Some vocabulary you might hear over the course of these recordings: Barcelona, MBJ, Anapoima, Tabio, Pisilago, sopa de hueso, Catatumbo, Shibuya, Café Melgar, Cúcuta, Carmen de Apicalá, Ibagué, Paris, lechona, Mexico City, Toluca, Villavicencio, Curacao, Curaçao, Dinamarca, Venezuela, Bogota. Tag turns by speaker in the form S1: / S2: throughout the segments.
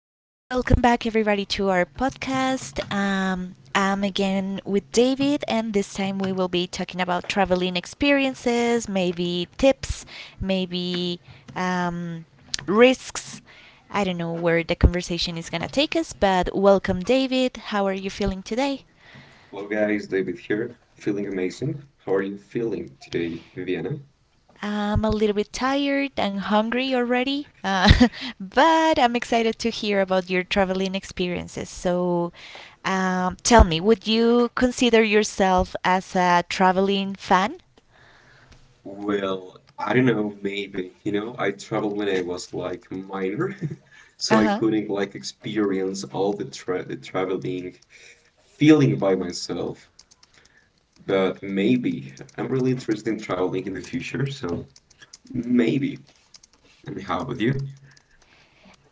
S1: Okay, welcome back everybody to our podcast. I'm again with David, and this time we will be talking about traveling experiences, maybe tips, maybe um, risks. I don't know where the conversation is gonna take us, but welcome, David. How are you feeling today?
S2: Hello guys, David here, feeling amazing. How are you feeling today, Viviana?
S1: I'm a little bit tired and hungry already, but I'm excited to hear about your traveling experiences. So, tell me, would you consider yourself as a traveling fan?
S2: Well, I don't know, maybe, I traveled when I was like minor, so
S1: Uh
S2: I
S1: huh.
S2: couldn't like experience all the tra the traveling feeling by myself. But maybe I'm really interested in traveling in the future, so maybe. And how about you?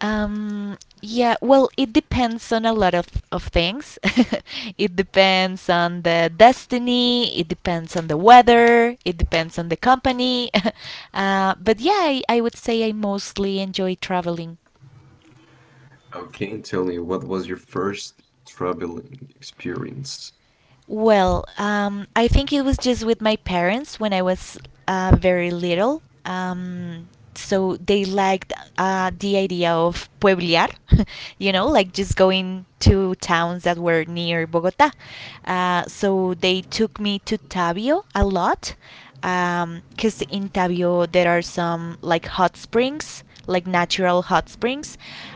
S1: Yeah, well, it depends on a lot of things. It depends on the destiny, it depends on the weather, it depends on the company. But yeah, I would say I mostly enjoy traveling.
S2: Okay, tell me, what was your first traveling experience?
S1: Well, I think it was just with my parents when I was very little. So they liked the idea of pueblear, like just going to towns that were near Bogota. So they took me to Tabio a lot because in Tabio there are some like hot springs like natural hot springs.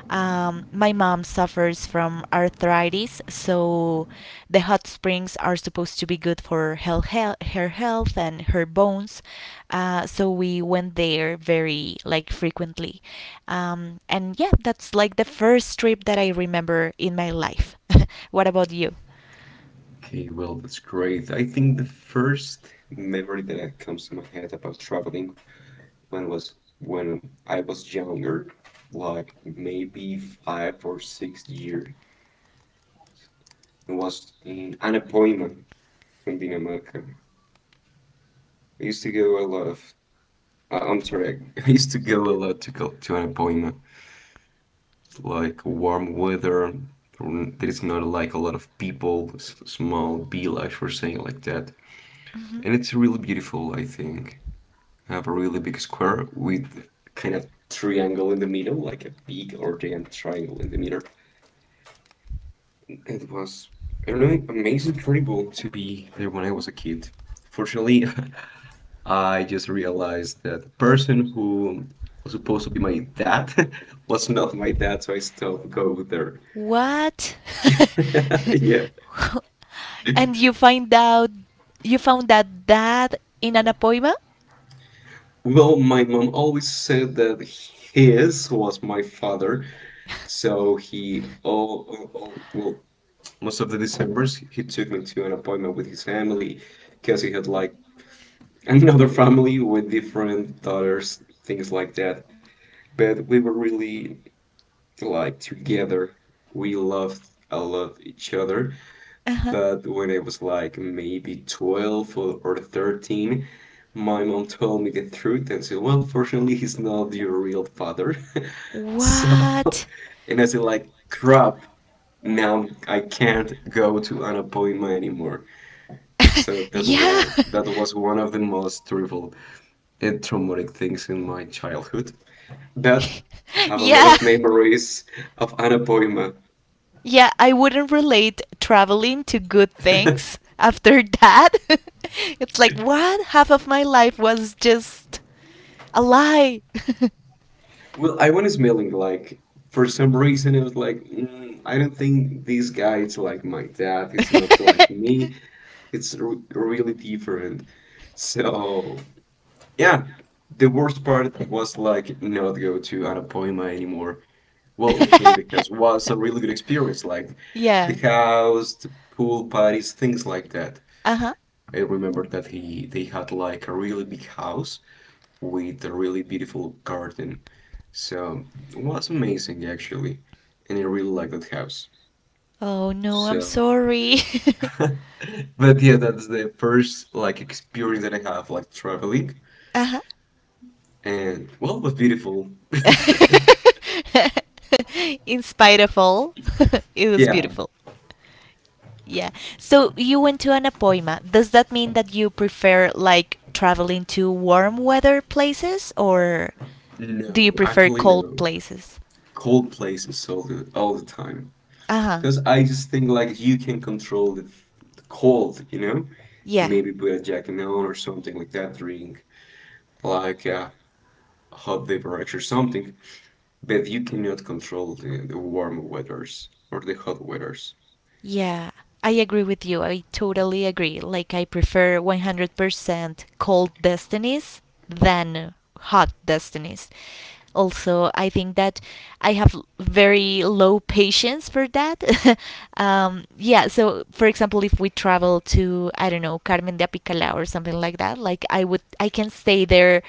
S1: My mom suffers from arthritis, so the hot springs are supposed to be good for her health and her bones. So we went there very like frequently, and yeah, that's like the first trip that I remember in my life. What about you?
S2: Okay, well, that's great. I think the first memory that comes to my head about traveling when was when I was younger, like maybe five or sixth year. It was in an appointment in Dinamarca. I used to go a lot of, I'm sorry, I used to go a lot to go to an appointment, like warm weather. There is not like a lot of people, small village, for saying like that.
S1: Mhm.
S2: And it's really beautiful, I think. Have a really big square with kind of triangle in the middle, like a big or giant triangle in the middle. It was, I don't know, amazing incredible to be there when I was a kid. Fortunately, I just realized that the person who was supposed to be my dad was not my dad, so I stopped going there.
S1: What?
S2: yeah.
S1: And you found out that in an appointment?
S2: Well, my mom always said that his was my father, so he all well, most of the Decembers, he took me to an appointment with his family because he had like another family with different daughters, things like that. But we were really like together. We loved a lot each other.
S1: Uh-huh.
S2: But when I was like maybe 12 or 13, my mom told me the truth and said, well, fortunately, he's not your real father. So,
S1: What?
S2: and I said, like, crap, now I can't go to an appointment anymore. So that
S1: Yeah.
S2: one that was one of the most terrible and traumatic things in my childhood. But have a lot
S1: Yeah.
S2: of memories of Anapoima.
S1: Yeah, I wouldn't relate traveling to good things after that. It's like, what? Half of my life was just a lie.
S2: Well, I went smelling like for some reason it was like I don't think this guy is like my dad. He's not like me. It's re really different. So yeah, the worst part was like not go to Anapoima anymore. Well, with him because it was a really good experience, like the
S1: Yeah.
S2: house, the pool parties, things like that.
S1: Uh huh.
S2: I remember that he they had like a really big house with a really beautiful garden. So it was amazing actually, and I really liked that house.
S1: Oh no, I'm
S2: So,
S1: sorry.
S2: but yeah, that's the first like experience that I have like traveling,
S1: Uh
S2: and well, it was beautiful.
S1: huh. In spite of all, it was
S2: Yeah,
S1: beautiful. Yeah. So you went to Anapoima. Does that mean that you prefer like traveling to warm weather places, or do you
S2: no,
S1: prefer
S2: actually
S1: cold
S2: no.
S1: places?
S2: Cold places all the time.
S1: Uh huh.
S2: Because I just think like you can control the cold, you know?
S1: Yeah.
S2: Maybe put a jacket on or something like that, drink like a hot beverage or something, but you cannot control the warm weathers or the hot weathers.
S1: Yeah, I agree with you. I totally agree. Like, I prefer 100% cold destinies than hot destinies. Also, I think that I have very low patience for that. Yeah, so for example, if we travel to, I don't know, Carmen de Apicalá or something like that, like, I can stay there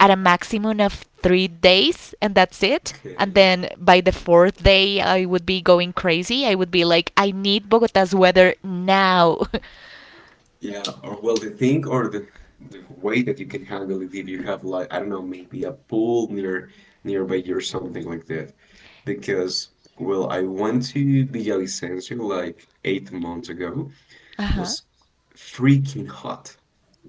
S1: at a maximum of 3 days, and that's it,
S2: Okay.
S1: and then by the fourth day, I would be going crazy. I would be like, I need Bogota's weather now.
S2: Yeah, or well, the thing or the way that you can handle it if you have like I don't know, maybe a pool near nearby you or something like that. Because well, I went to Villavicencio like 8 months ago,
S1: Uh huh.
S2: was freaking hot.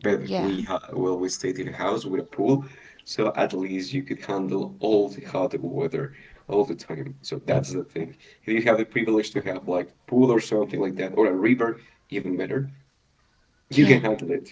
S2: But
S1: Yeah.
S2: we had, well, we stayed in a house with a pool, so at least you could handle all the hot weather all the time. So that's the thing. If you have the privilege to have like pool or something like that, or a river, even better, you can
S1: Yeah.
S2: handle it.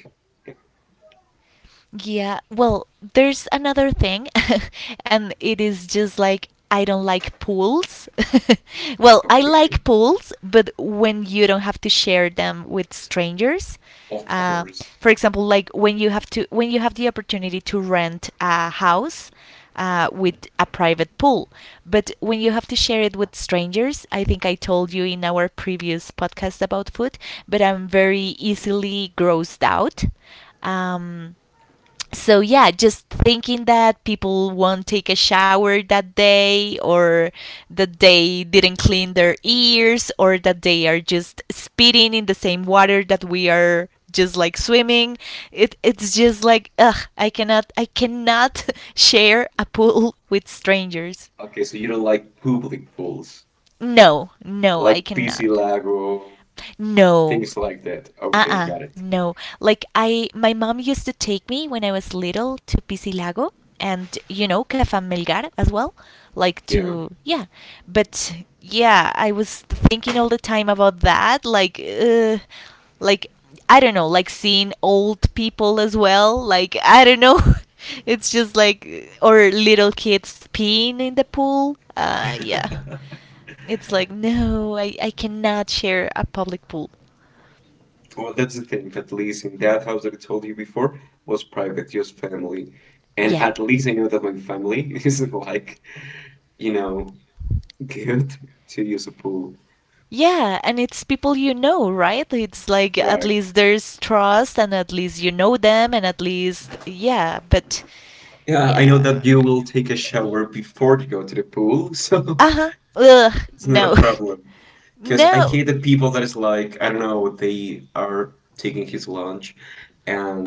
S1: Yeah, well, there's another thing, and it is just like I don't like pools. Well, I
S2: Okay,
S1: like pools, but when you don't have to share them with strangers.
S2: of
S1: Uh,
S2: course.
S1: for example, like when you have the opportunity to rent a house with a private pool, but when you have to share it with strangers, I think I told you in our previous podcast about food, but I'm very easily grossed out. Um, so yeah, just thinking that people won't take a shower that day, or that they didn't clean their ears, or that they are just spitting in the same water that we are just like swimming, it's just like, ugh, I cannot, I cannot share a pool with strangers.
S2: Okay, so you don't like public pools,
S1: No, no, I
S2: like PC
S1: cannot.
S2: Lago,
S1: No.
S2: things like that. Okay,
S1: Uh-uh,
S2: got it.
S1: no. Like I my mom used to take me when I was little to Pisilago, and you know Café Melgar as well, like
S2: Yeah.
S1: to yeah. But yeah, I was thinking all the time about that, like I don't know, like seeing old people as well, like I don't know. It's just like or little kids peeing in the pool. Yeah. It's like, no, I cannot share a public pool.
S2: Well, that's the thing. At least in that house that I told you before was private, just family. And
S1: Yeah.
S2: at least I know that my family isn't like, you know, good to use a pool.
S1: Yeah, and it's people you know, right? It's like at
S2: Right.
S1: least there's trust and at least you know them and at least, yeah, but
S2: Yeah, I know
S1: yeah.
S2: that you will take a shower before you go to the pool, so
S1: Uh huh. Ugh,
S2: it's not a
S1: no.
S2: problem. Because I
S1: No.
S2: hate the people that is like, I don't know, they are taking his lunch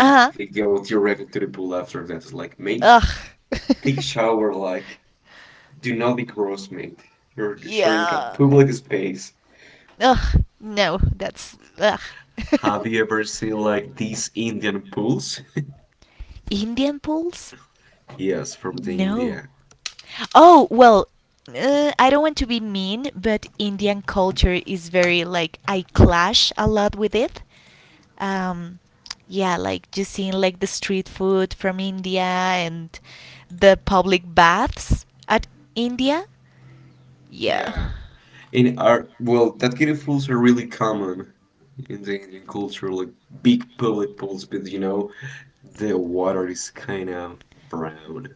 S1: Uh huh.
S2: they go directly to the pool after that. It's like, mate,
S1: Ugh.
S2: take a shower like, do not be gross, mate. You're sharing a
S1: Yeah.
S2: public space.
S1: Ugh, no, that's ugh.
S2: Have you ever seen like these Indian pools?
S1: Indian pools?
S2: Yes, from the
S1: No.
S2: India.
S1: Oh, well, I don't want to be mean, but Indian culture is very like I clash a lot with it. Um, yeah, like just seeing like the street food from India and the public baths at India. Yeah.
S2: Yeah. In our well, that kind of pools are really common in the Indian culture, like big public pools, but you know, the water is kind of brown.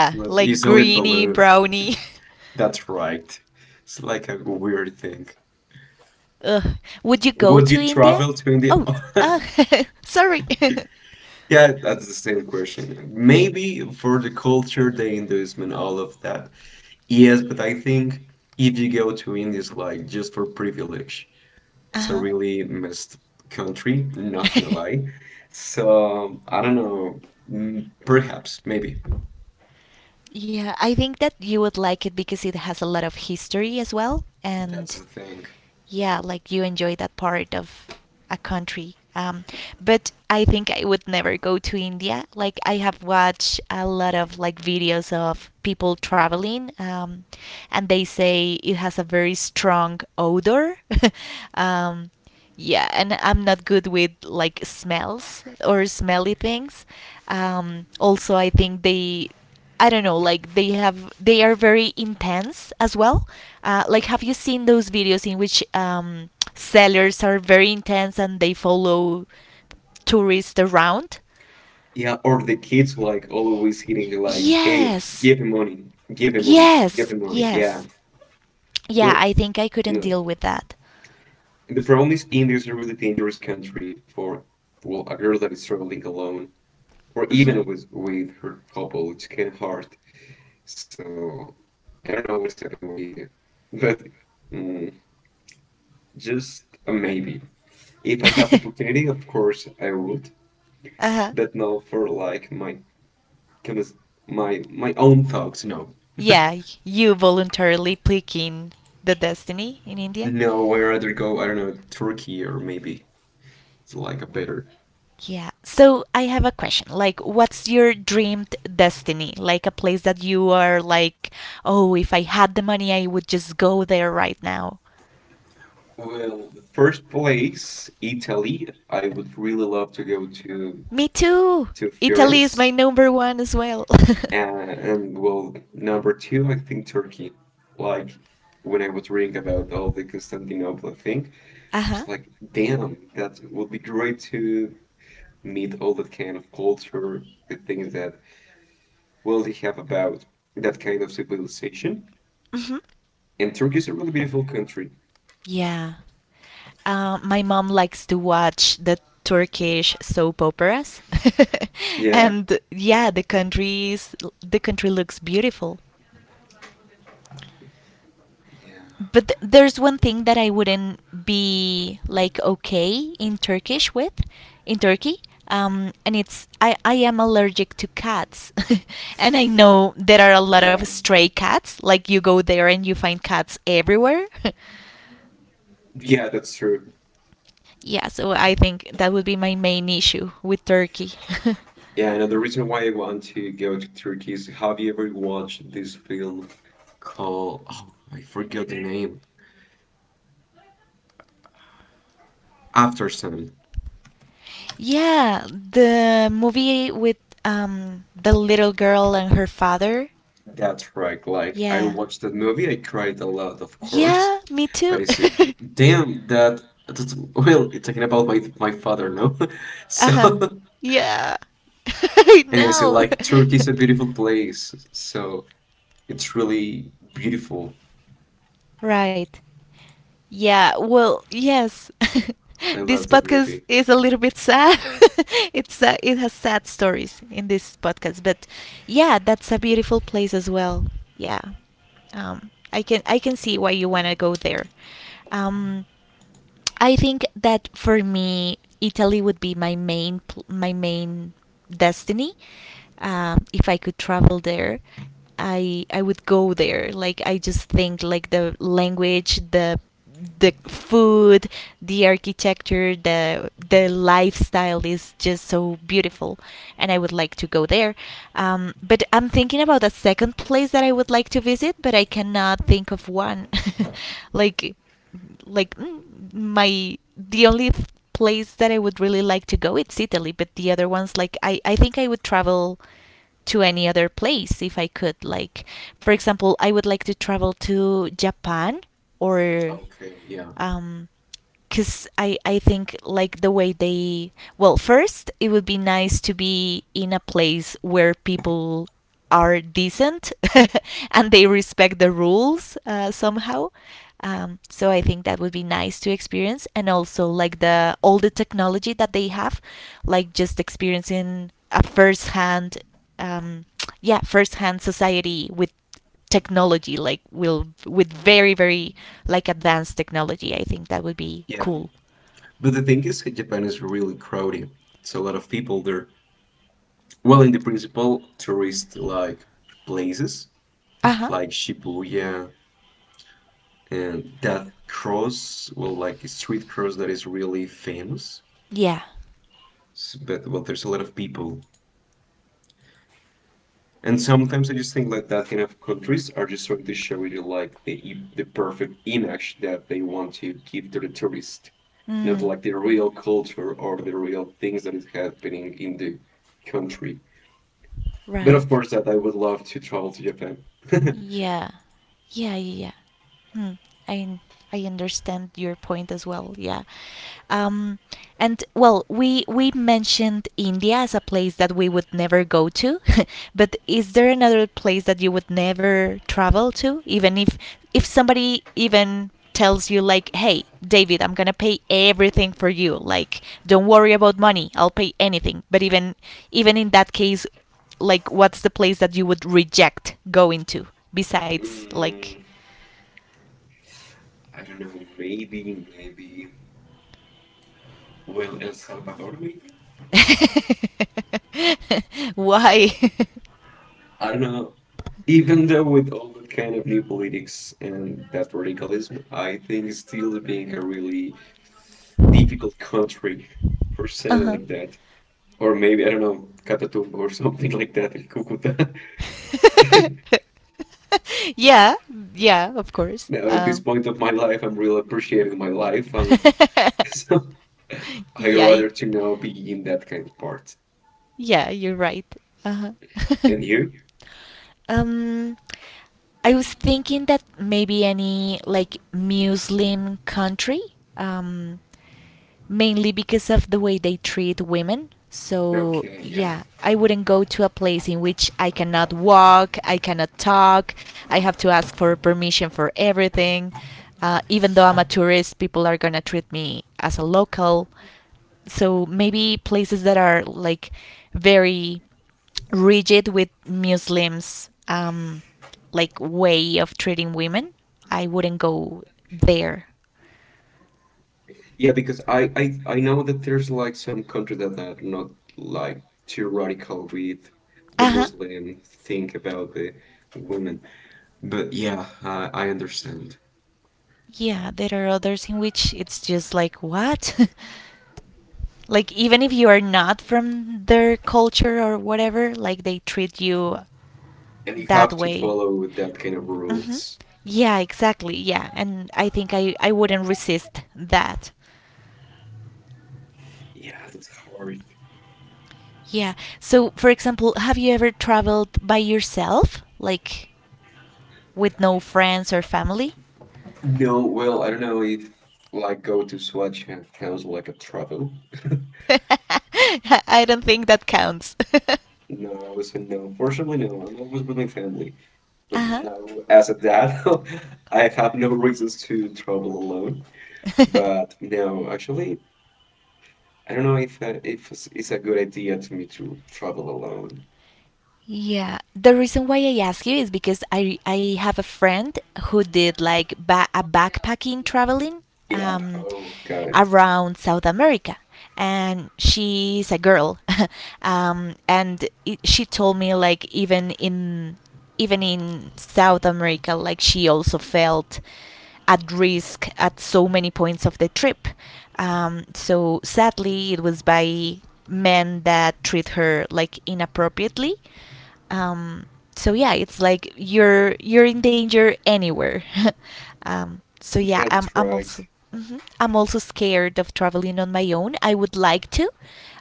S2: It's not
S1: like
S2: easily
S1: greeny
S2: blue.
S1: brownie.
S2: That's right. It's like a weird thing.
S1: Ugh. Would you go
S2: Would
S1: to
S2: you
S1: India?
S2: travel to India?
S1: Oh, uh, sorry.
S2: Yeah, that's the same question. Maybe for the culture, the Hinduism and all of that. Yes, but I think if you go to India, it's like just for privilege, it's a
S1: Uh
S2: really messed country, not gonna
S1: huh.
S2: lie. So I don't know. Mm, perhaps, maybe.
S1: Yeah, I think that you would like it because it has a lot of history as well. And
S2: That's the thing.
S1: yeah, like you enjoy that part of a country. But I think I would never go to India. Like I have watched a lot of like videos of people traveling, and they say it has a very strong odor. um, yeah, and I'm not good with like smells or smelly things. Also, I think they I don't know, like they are very intense as well. Like, have you seen those videos in which sellers are very intense and they follow tourists around?
S2: Yeah, or the kids like always hitting like, hey,
S1: Yes,
S2: give him money, give him money, give
S1: yes,
S2: him money. Yeah.
S1: yes. Yeah,
S2: Well,
S1: I think I couldn't
S2: no.
S1: deal with that.
S2: The problem is India is a really dangerous country for, well, a girl that is traveling alone or
S1: Hmm.
S2: even with her couple. It's kind of hard. So I don't know what's happening with India, but mm, just a maybe. If I have the opportunity, of course I would.
S1: Uh-huh.
S2: But no, for like my own thoughts. No,
S1: Yeah, you voluntarily picking the destiny in India.
S2: no. I would rather go. I don't know, Turkey or maybe it's like a better.
S1: Yeah. So I have a question. Like, what's your dreamed destiny? Like a place that you are like, oh, if I had the money, I would just go there right now.
S2: Well, first place, Italy. I would really love to go
S1: Me too.
S2: to
S1: Italy is
S2: Florence,
S1: my number one as well.
S2: and well, number two, I think Turkey. Like when I was reading about all the Constantinople thing,
S1: Uh
S2: it's
S1: huh.
S2: like, damn, that would be great to meet all that kind of culture, the things that well they have about that kind of civilization.
S1: Hmm.
S2: And Turkey is a really beautiful country.
S1: Yeah. My mom likes to watch the Turkish soap operas,
S2: Yeah,
S1: and yeah, the country looks beautiful. But there's one thing that I wouldn't be like okay in Turkish with in Turkey. And it's I am allergic to cats and I know there are a lot of
S2: yeah,
S1: stray cats like you go there and you find cats everywhere.
S2: yeah, that's true.
S1: Yeah, so I think that would be my main issue with Turkey.
S2: Yeah, another reason why I want to go to Turkey is have you ever watched this film called, oh, I forget the name, After Sun.
S1: Yeah, the movie with the little girl and her father.
S2: That's right. Like I
S1: Yeah,
S2: watched that movie, I cried a lot, of course,
S1: yeah, me too.
S2: but it's damn that's well, you're talking about my father, no?
S1: Uh huh.
S2: So
S1: Yeah. I
S2: and I said,
S1: know.
S2: like Turkey is a beautiful place, so it's really beautiful.
S1: Right. Yeah, well, yes.
S2: I
S1: This
S2: love that
S1: podcast
S2: movie.
S1: is a little bit sad. It has sad stories in this podcast, but yeah, that's a beautiful place as well. Yeah. I can see why you want to go there. Um I think that for me, Italy would be my main destiny. If I could travel there, I would go there. Like I just think like the language, the food, the architecture, the lifestyle is just so beautiful, and I would like to go there. But I'm thinking about a second place that I would like to visit, but I cannot think of one. like like mm, my the only place that I would really like to go it's Italy, but the other ones, like I think I would travel to any other place if I could. Like for example, I would like to travel to Japan or
S2: Okay,
S1: um, because I think like the way they well, first it would be nice to be in a place where people are decent and they respect the rules, somehow. So I think that would be nice to experience, and also like the all the technology that they have, like just experiencing a um, yeah first hand society with technology, like will with very very, like, advanced technology. I think that would be
S2: yeah.
S1: cool.
S2: But the thing is, Japan is really crowded. It's a lot of people there. Well, in the principal tourist like places,
S1: Uh-huh.
S2: like Shibuya and that cross, well, like a street cross that is really famous.
S1: Yeah.
S2: But well, there's a lot of people, and sometimes I just think like that kind of countries are just trying to show you like the perfect image that they want to give to the tourist, not
S1: mm,
S2: like the real culture or the real things that is happening in the country. But of
S1: right.
S2: course, that I would love to travel to Japan. Mm,
S1: Yeah. Yeah. Yeah. Hmm. I understand your point as well. Yeah. Um, and well, we mentioned India as a place that we would never go to, but is there another place that you would never travel to, even if somebody even tells you like, "Hey, David, I'm gonna pay everything for you. Like, don't worry about money. I'll pay anything." But even in that case, like, what's the place that you would reject going to besides like.
S2: I don't know. Maybe. Well, El Salvador, maybe.
S1: Why?
S2: I don't know. Even though with all that kind of new politics and that radicalism, I think it's still being a really difficult country per
S1: Uh
S2: se
S1: huh.
S2: like that. Or maybe I don't know, Catatumbo or something like that in Cucuta.
S1: Yeah, yeah, of course.
S2: Now at this point of my life, I'm really appreciating my life, so I
S1: Yeah,
S2: rather to now be in that kind of part.
S1: yeah, you're right. Uh-huh.
S2: And you?
S1: um, I was thinking that maybe any like Muslim country. Um, Mainly because of the way they treat women. So,
S2: Okay, yeah.
S1: yeah, I wouldn't go to a place in which I cannot walk, I cannot talk, I have to ask for permission for everything. Even though I'm a tourist, people are gonna treat me as a local. So maybe places that are like very rigid with Muslims, like way of treating women, I wouldn't go there.
S2: Yeah, because I know that there's like some countries that are not like too radical with the
S1: Uh huh.
S2: Muslim thing about the women. But yeah, I understand.
S1: Yeah, there are others in which it's just like, what? Like, even if you are not from their culture or whatever, like, they treat you
S2: And you
S1: that
S2: have to
S1: way.
S2: follow with that kind of
S1: Hmm.
S2: rules.
S1: Yeah, exactly. Yeah. And I think I wouldn't resist that.
S2: Yeah, that's hard.
S1: Yeah. So, for example, have you ever traveled by yourself? Like, with no friends or family?
S2: No, well, I don't know if like go to Swatch counts like a travel.
S1: I don't think that counts.
S2: No, I would say no. Fortunately, no. I'm always with my family. But
S1: Uh
S2: no, as a dad, I have no reasons to travel alone.
S1: huh.
S2: But no, actually, I don't know if it's a good idea to me to travel alone.
S1: Yeah, the reason why I ask you is because I have a friend who did like a backpacking traveling,
S2: Yeah.
S1: um,
S2: Oh, got it.
S1: around South America, and she's a girl. And she told me like even in South America, like she also felt at risk at so many points of the trip. So sadly, it was by men that treat her like inappropriately. Um, so yeah, it's like you're in danger anywhere. So yeah,
S2: Yeah,
S1: I'm
S2: that's
S1: I'm
S2: right.
S1: also mhm, I'm also scared of traveling on my own. I would like to.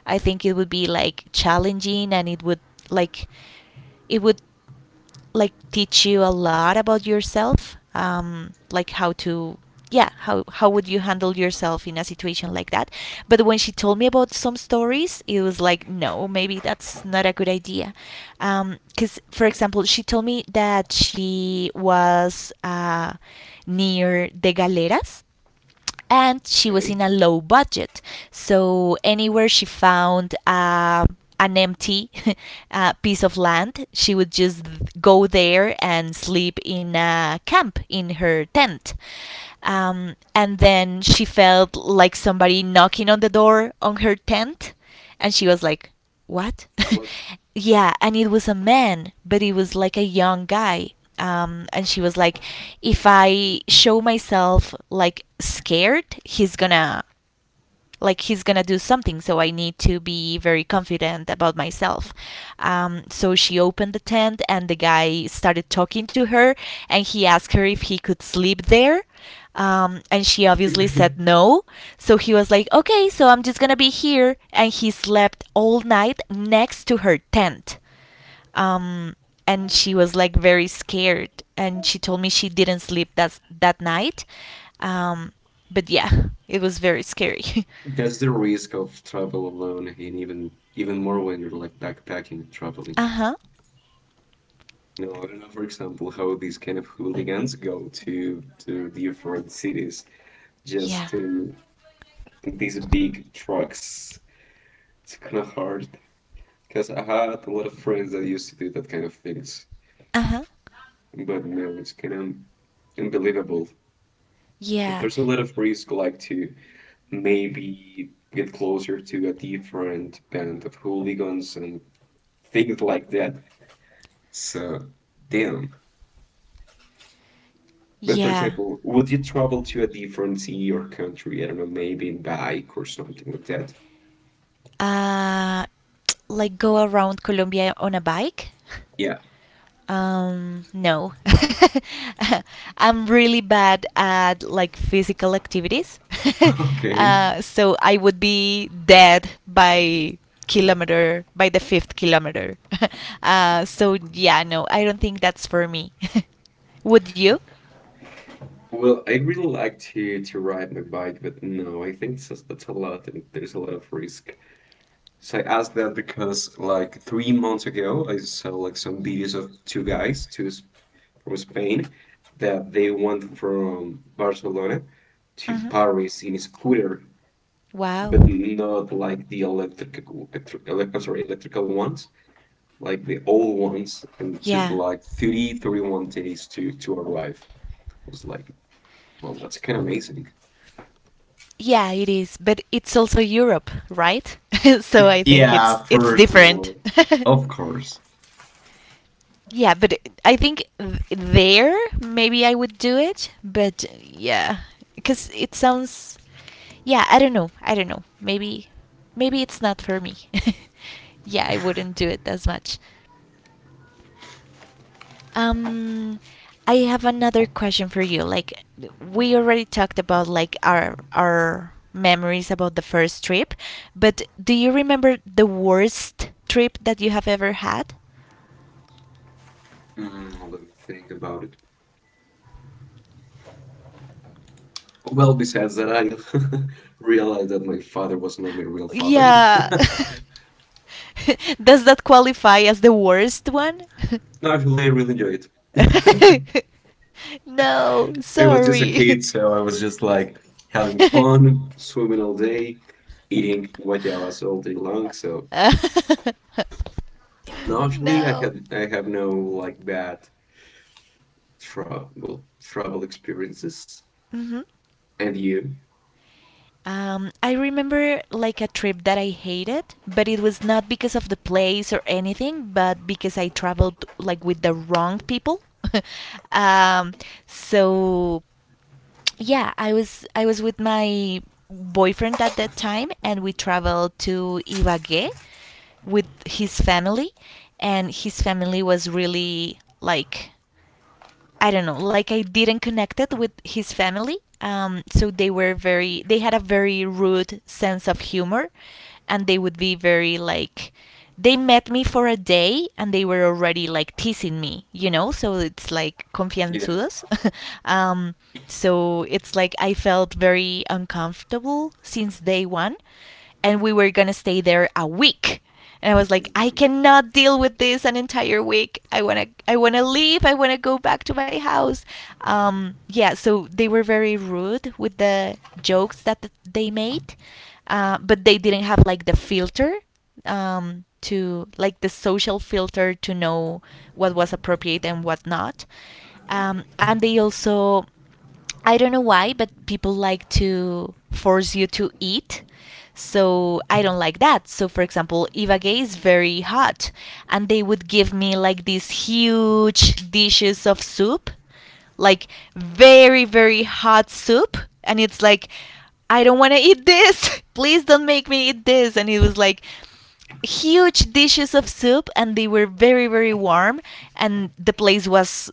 S1: I think it would be like challenging, and like it would teach you a lot about yourself, like how to, yeah, how would you handle yourself in a situation like that. But when she told me about some stories, it was like, no, maybe that's not a good idea, because for example, she told me that she was near the galeras, and she was
S2: Okay.
S1: in a low budget. So anywhere she found an empty piece of land, she would just go there and sleep in a camp in her tent. And then she felt like somebody knocking on the door on her tent. And she was like, what?
S2: What?
S1: yeah, and it was a man, but it was like a young guy. And she was like, if I show myself like scared, he's gonna do something, so I need to be very confident about myself. So she opened the tent, and the guy started talking to her, and he asked her if he could sleep there. And she obviously said no. So he was like, okay, so I'm just gonna be here. And he slept all night next to her tent. Um, and she was like very scared, and she told me she didn't sleep that night. Um, but yeah, it was very scary.
S2: That's the risk of travel alone, and even more when you're like backpacking, traveling.
S1: Uh huh.
S2: No, I don't know, for example, how these kind of hooligans go to different cities just
S1: Yeah.
S2: to these big trucks. It's kind of hard because I had a lot of friends that used to do that kind of things.
S1: Uh huh.
S2: But no, it's kind of unbelievable. If
S1: Yeah.
S2: there's a lot of risk, like to maybe get closer to a different band of hooligans and things like that. So, damn. But for
S1: Yeah.
S2: example, would you travel to a different city or country? I don't know, maybe in bike or something like that.
S1: Uh, like go around Colombia on a bike?
S2: Yeah.
S1: No. I'm really bad at like physical activities.
S2: Okay.
S1: So I would be dead by kilometer by the fifth kilometer. So yeah, no, I don't think that's for me. would you?
S2: Well, I really like to ride my bike, but no, I think it's just that's a lot and there's a lot of risk. So I asked that because like 3 months ago, I saw like some videos of two guys, from Spain, that they went from Barcelona to
S1: Hmm.
S2: Paris in a scooter, but
S1: Wow.
S2: not like the electric, electric, elec- I'm sorry, electrical ones, like the old ones, and it took
S1: Yeah.
S2: like thirty one days to arrive. I was like, well, that's kind of amazing.
S1: Yeah, it is, but it's also Europe, right? so I think
S2: Yeah,
S1: it's
S2: first of
S1: different.
S2: all, of course.
S1: yeah, but I think there maybe I would do it, but yeah, cuz it sounds, yeah, I don't know. I don't know. Maybe it's not for me. yeah, I wouldn't do it as much. Um, I have another question for you. Like, we already talked about like our memories about the first trip, but do you remember the worst trip that you have ever had?
S2: Mm, let me think about it. Well, besides that, I realized that my father was not my real father.
S1: Yeah. Does that qualify as the worst one?
S2: No, actually, I really really enjoyed it.
S1: no,
S2: I was just a
S1: sorry.
S2: kid, so I was just like having fun, swimming all day, eating guayabas all day long. So,
S1: Uh,
S2: no, actually,
S1: no.
S2: I have no like bad travel experiences.
S1: Mhm.
S2: And you?
S1: I remember like a trip that I hated, but it was not because of the place or anything, but because I traveled like with the wrong people. um, so yeah, I was with my boyfriend at that time, and we traveled to Ibagué with his family, and his family was really like, I don't know, like I didn't connect it with his family. So they were very, they had a very rude sense of humor, and they would be very like, they met me for a day, and they were already like teasing me. So it's like
S2: Yeah.
S1: confianzudos. um, so it's like I felt very uncomfortable since day one, and we were gonna stay there a week, and I was like, I
S2: Mhm.
S1: cannot deal with this an entire week. I wanna leave. I wanna go back to my house. Yeah, so they were very rude with the jokes that they made, but they didn't have like the filter, to like the social filter to know what was appropriate and what not. And they also, I don't know why, but people like to force you to eat. So I don't like that. So for example, Ivage is very hot, and they would give me like these huge dishes of soup, like very very hot soup, and it's like, I don't want to eat this. please don't make me eat this, and it was like huge dishes of soup, and they were very very warm, and the place was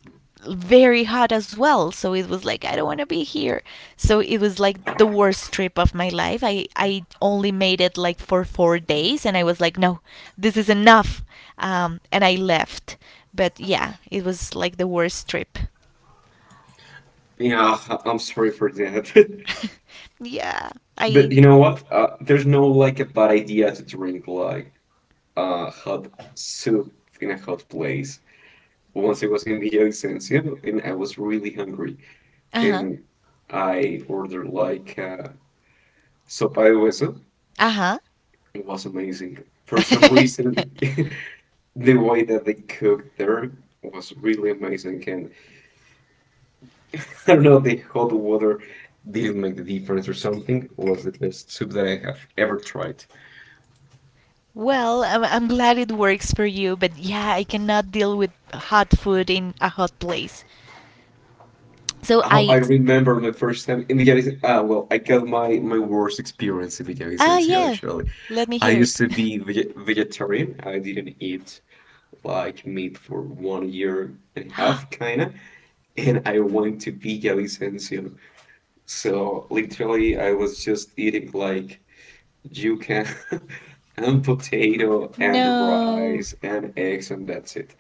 S1: very hot as well. So it was like, I don't want to be here. So it was like the worst trip of my life. I only made it like for 4 days, and I was like, no, this is enough. And I left. But yeah, it was like the worst trip.
S2: Yeah, I'm sorry for that.
S1: yeah.
S2: But
S1: I.
S2: you know what? There's no like a bad idea to drink like a hot soup in a hot place. Once I was in Villavicencio and I was really hungry,
S1: uh-huh
S2: and I ordered like sopa de hueso.
S1: Uh
S2: It was amazing. For some
S1: huh.
S2: reason, the way that they cooked there was really amazing, and I don't know, the hot water didn't make the difference or something. It was the best soup that I have ever tried.
S1: well, I'm glad it works for you, but yeah, I cannot deal with hot food in a hot place. So
S2: How
S1: I.
S2: I remember my first time in Villavicencio. Ah, well, I got my worst experience in
S1: Ah,
S2: Villavicencio
S1: yeah.
S2: actually.
S1: Let me
S2: I
S1: hear it.
S2: used to be vegetarian. I didn't eat like meat for 1 year and a half, kinda. And I went to Villa Vicencio. So literally, I was just eating like yuca and potato and
S1: no.
S2: rice and eggs and that's it.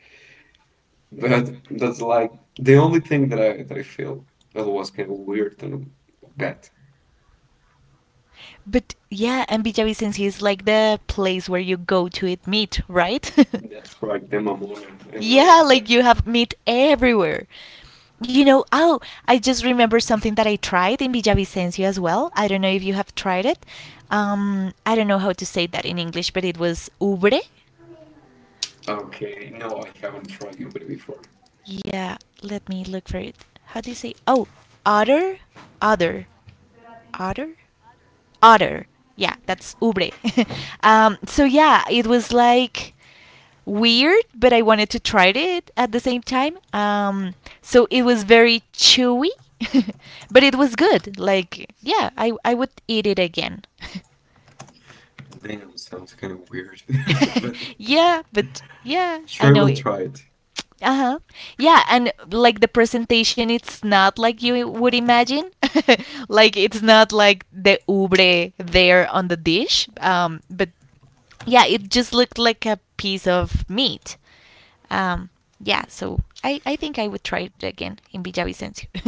S2: But that's like the only thing that I feel that was kind of weird and bad.
S1: But yeah, MBJ is like the place where you go to eat meat, right?
S2: That's right, the mamona and all
S1: yeah,
S2: of
S1: like
S2: that.
S1: you have meat everywhere. Oh, I just remember something that I tried in Villavicencio as well. I don't know if you have tried it. I don't know how to say that in English, but it was ubre.
S2: Okay, no, I haven't tried it before.
S1: Yeah, let me look for it. How do you say? Oh, otter, otter, otter, otter. Yeah, that's ubre. So yeah, it was like weird, but I wanted to try it at the same time. So it was very chewy, but it was good. Like, yeah, I would eat it again.
S2: Damn, sounds kind of weird, but
S1: yeah, but yeah, I
S2: sure,
S1: know
S2: we'll
S1: it.
S2: try it.
S1: Uh huh. Yeah, and like the presentation, it's not like you would imagine. like it's not like the ubre there on the dish. But yeah, it just looked like a piece of meat. Um, yeah, so I think I would try it again in Villavicencio.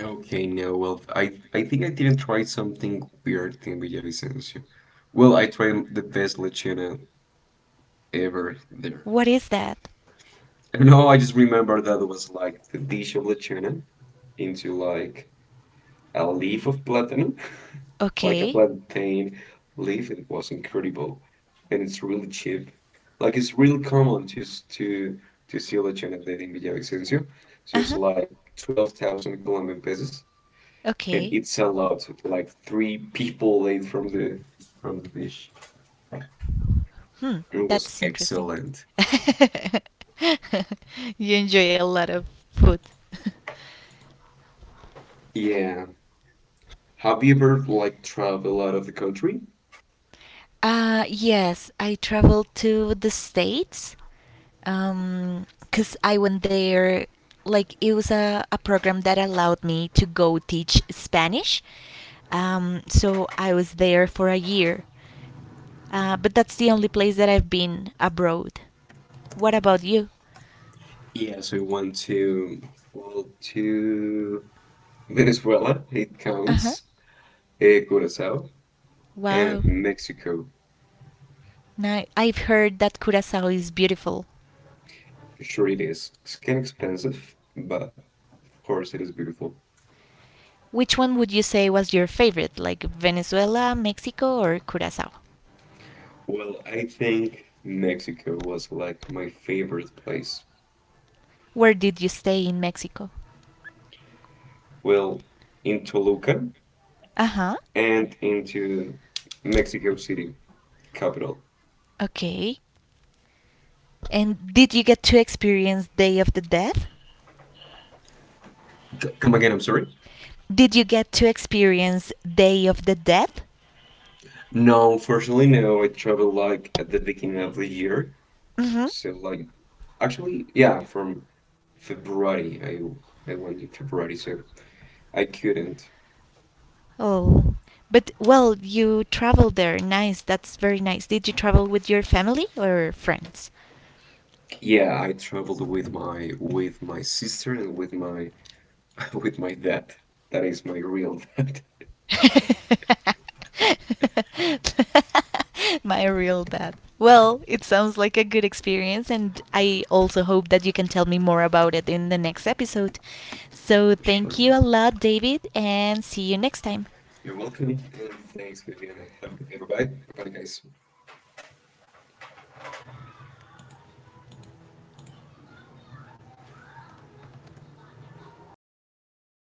S2: Okay, no, well, I think I didn't try something weird in Villavicencio. Well, I tried the best lechona ever there.
S1: what is that?
S2: I don't know, I just remember that it was like the dish of lechona into like a leaf of platano like a
S1: Okay.
S2: plantain leaf. It was incredible, and it's really cheap. Like it's real common just to see a legendary in Villavicencio.
S1: Uh
S2: So
S1: huh.
S2: it's like 12,000 Colombian pesos, and
S1: Okay.
S2: it's a lot. Like three people ate from the dish.
S1: Hmm.
S2: It was
S1: That's interesting.
S2: excellent.
S1: you enjoy a lot of food.
S2: Yeah. Have you ever like traveled out of the country?
S1: Yes, I traveled to the States, because I went there. Like, it was a program that allowed me to go teach Spanish. So I was there for a year. But that's the only place that I've been abroad. What about you?
S2: Yeah, so I went to, well, to Venezuela. It
S1: Uh huh.
S2: counts. Curacao, and
S1: Wow.
S2: Mexico.
S1: Now, I've heard that Curacao is beautiful.
S2: Sure, it is. It's kind of expensive, but of course it is beautiful.
S1: Which one would you say was your favorite, like Venezuela, Mexico, or Curacao?
S2: Well, I think Mexico was like my favorite place.
S1: Where did you stay in Mexico?
S2: Well, in Toluca
S1: Uh huh.
S2: and into Mexico City, capital.
S1: Okay. And did you get to experience Day of the Dead?
S2: Come again, I'm sorry.
S1: Did you get to experience Day of the Dead?
S2: No, fortunately, no. I travel like at the beginning of the year.
S1: Mm hmm.
S2: So like actually, yeah, from February I went in February, so I couldn't.
S1: Oh, but well, you traveled there. Nice. That's very nice. Did you travel with your family or friends?
S2: Yeah, I traveled with my sister and with my with my dad. That is my real dad.
S1: my real dad. Well, it sounds like a good experience, and I also hope that you can tell me more about it in the next episode. So, thank
S2: Sure.
S1: you a lot, David, and see you next time.
S2: You're welcome. And thanks, Viviana. Have a good day. Bye bye. Bye bye, guys.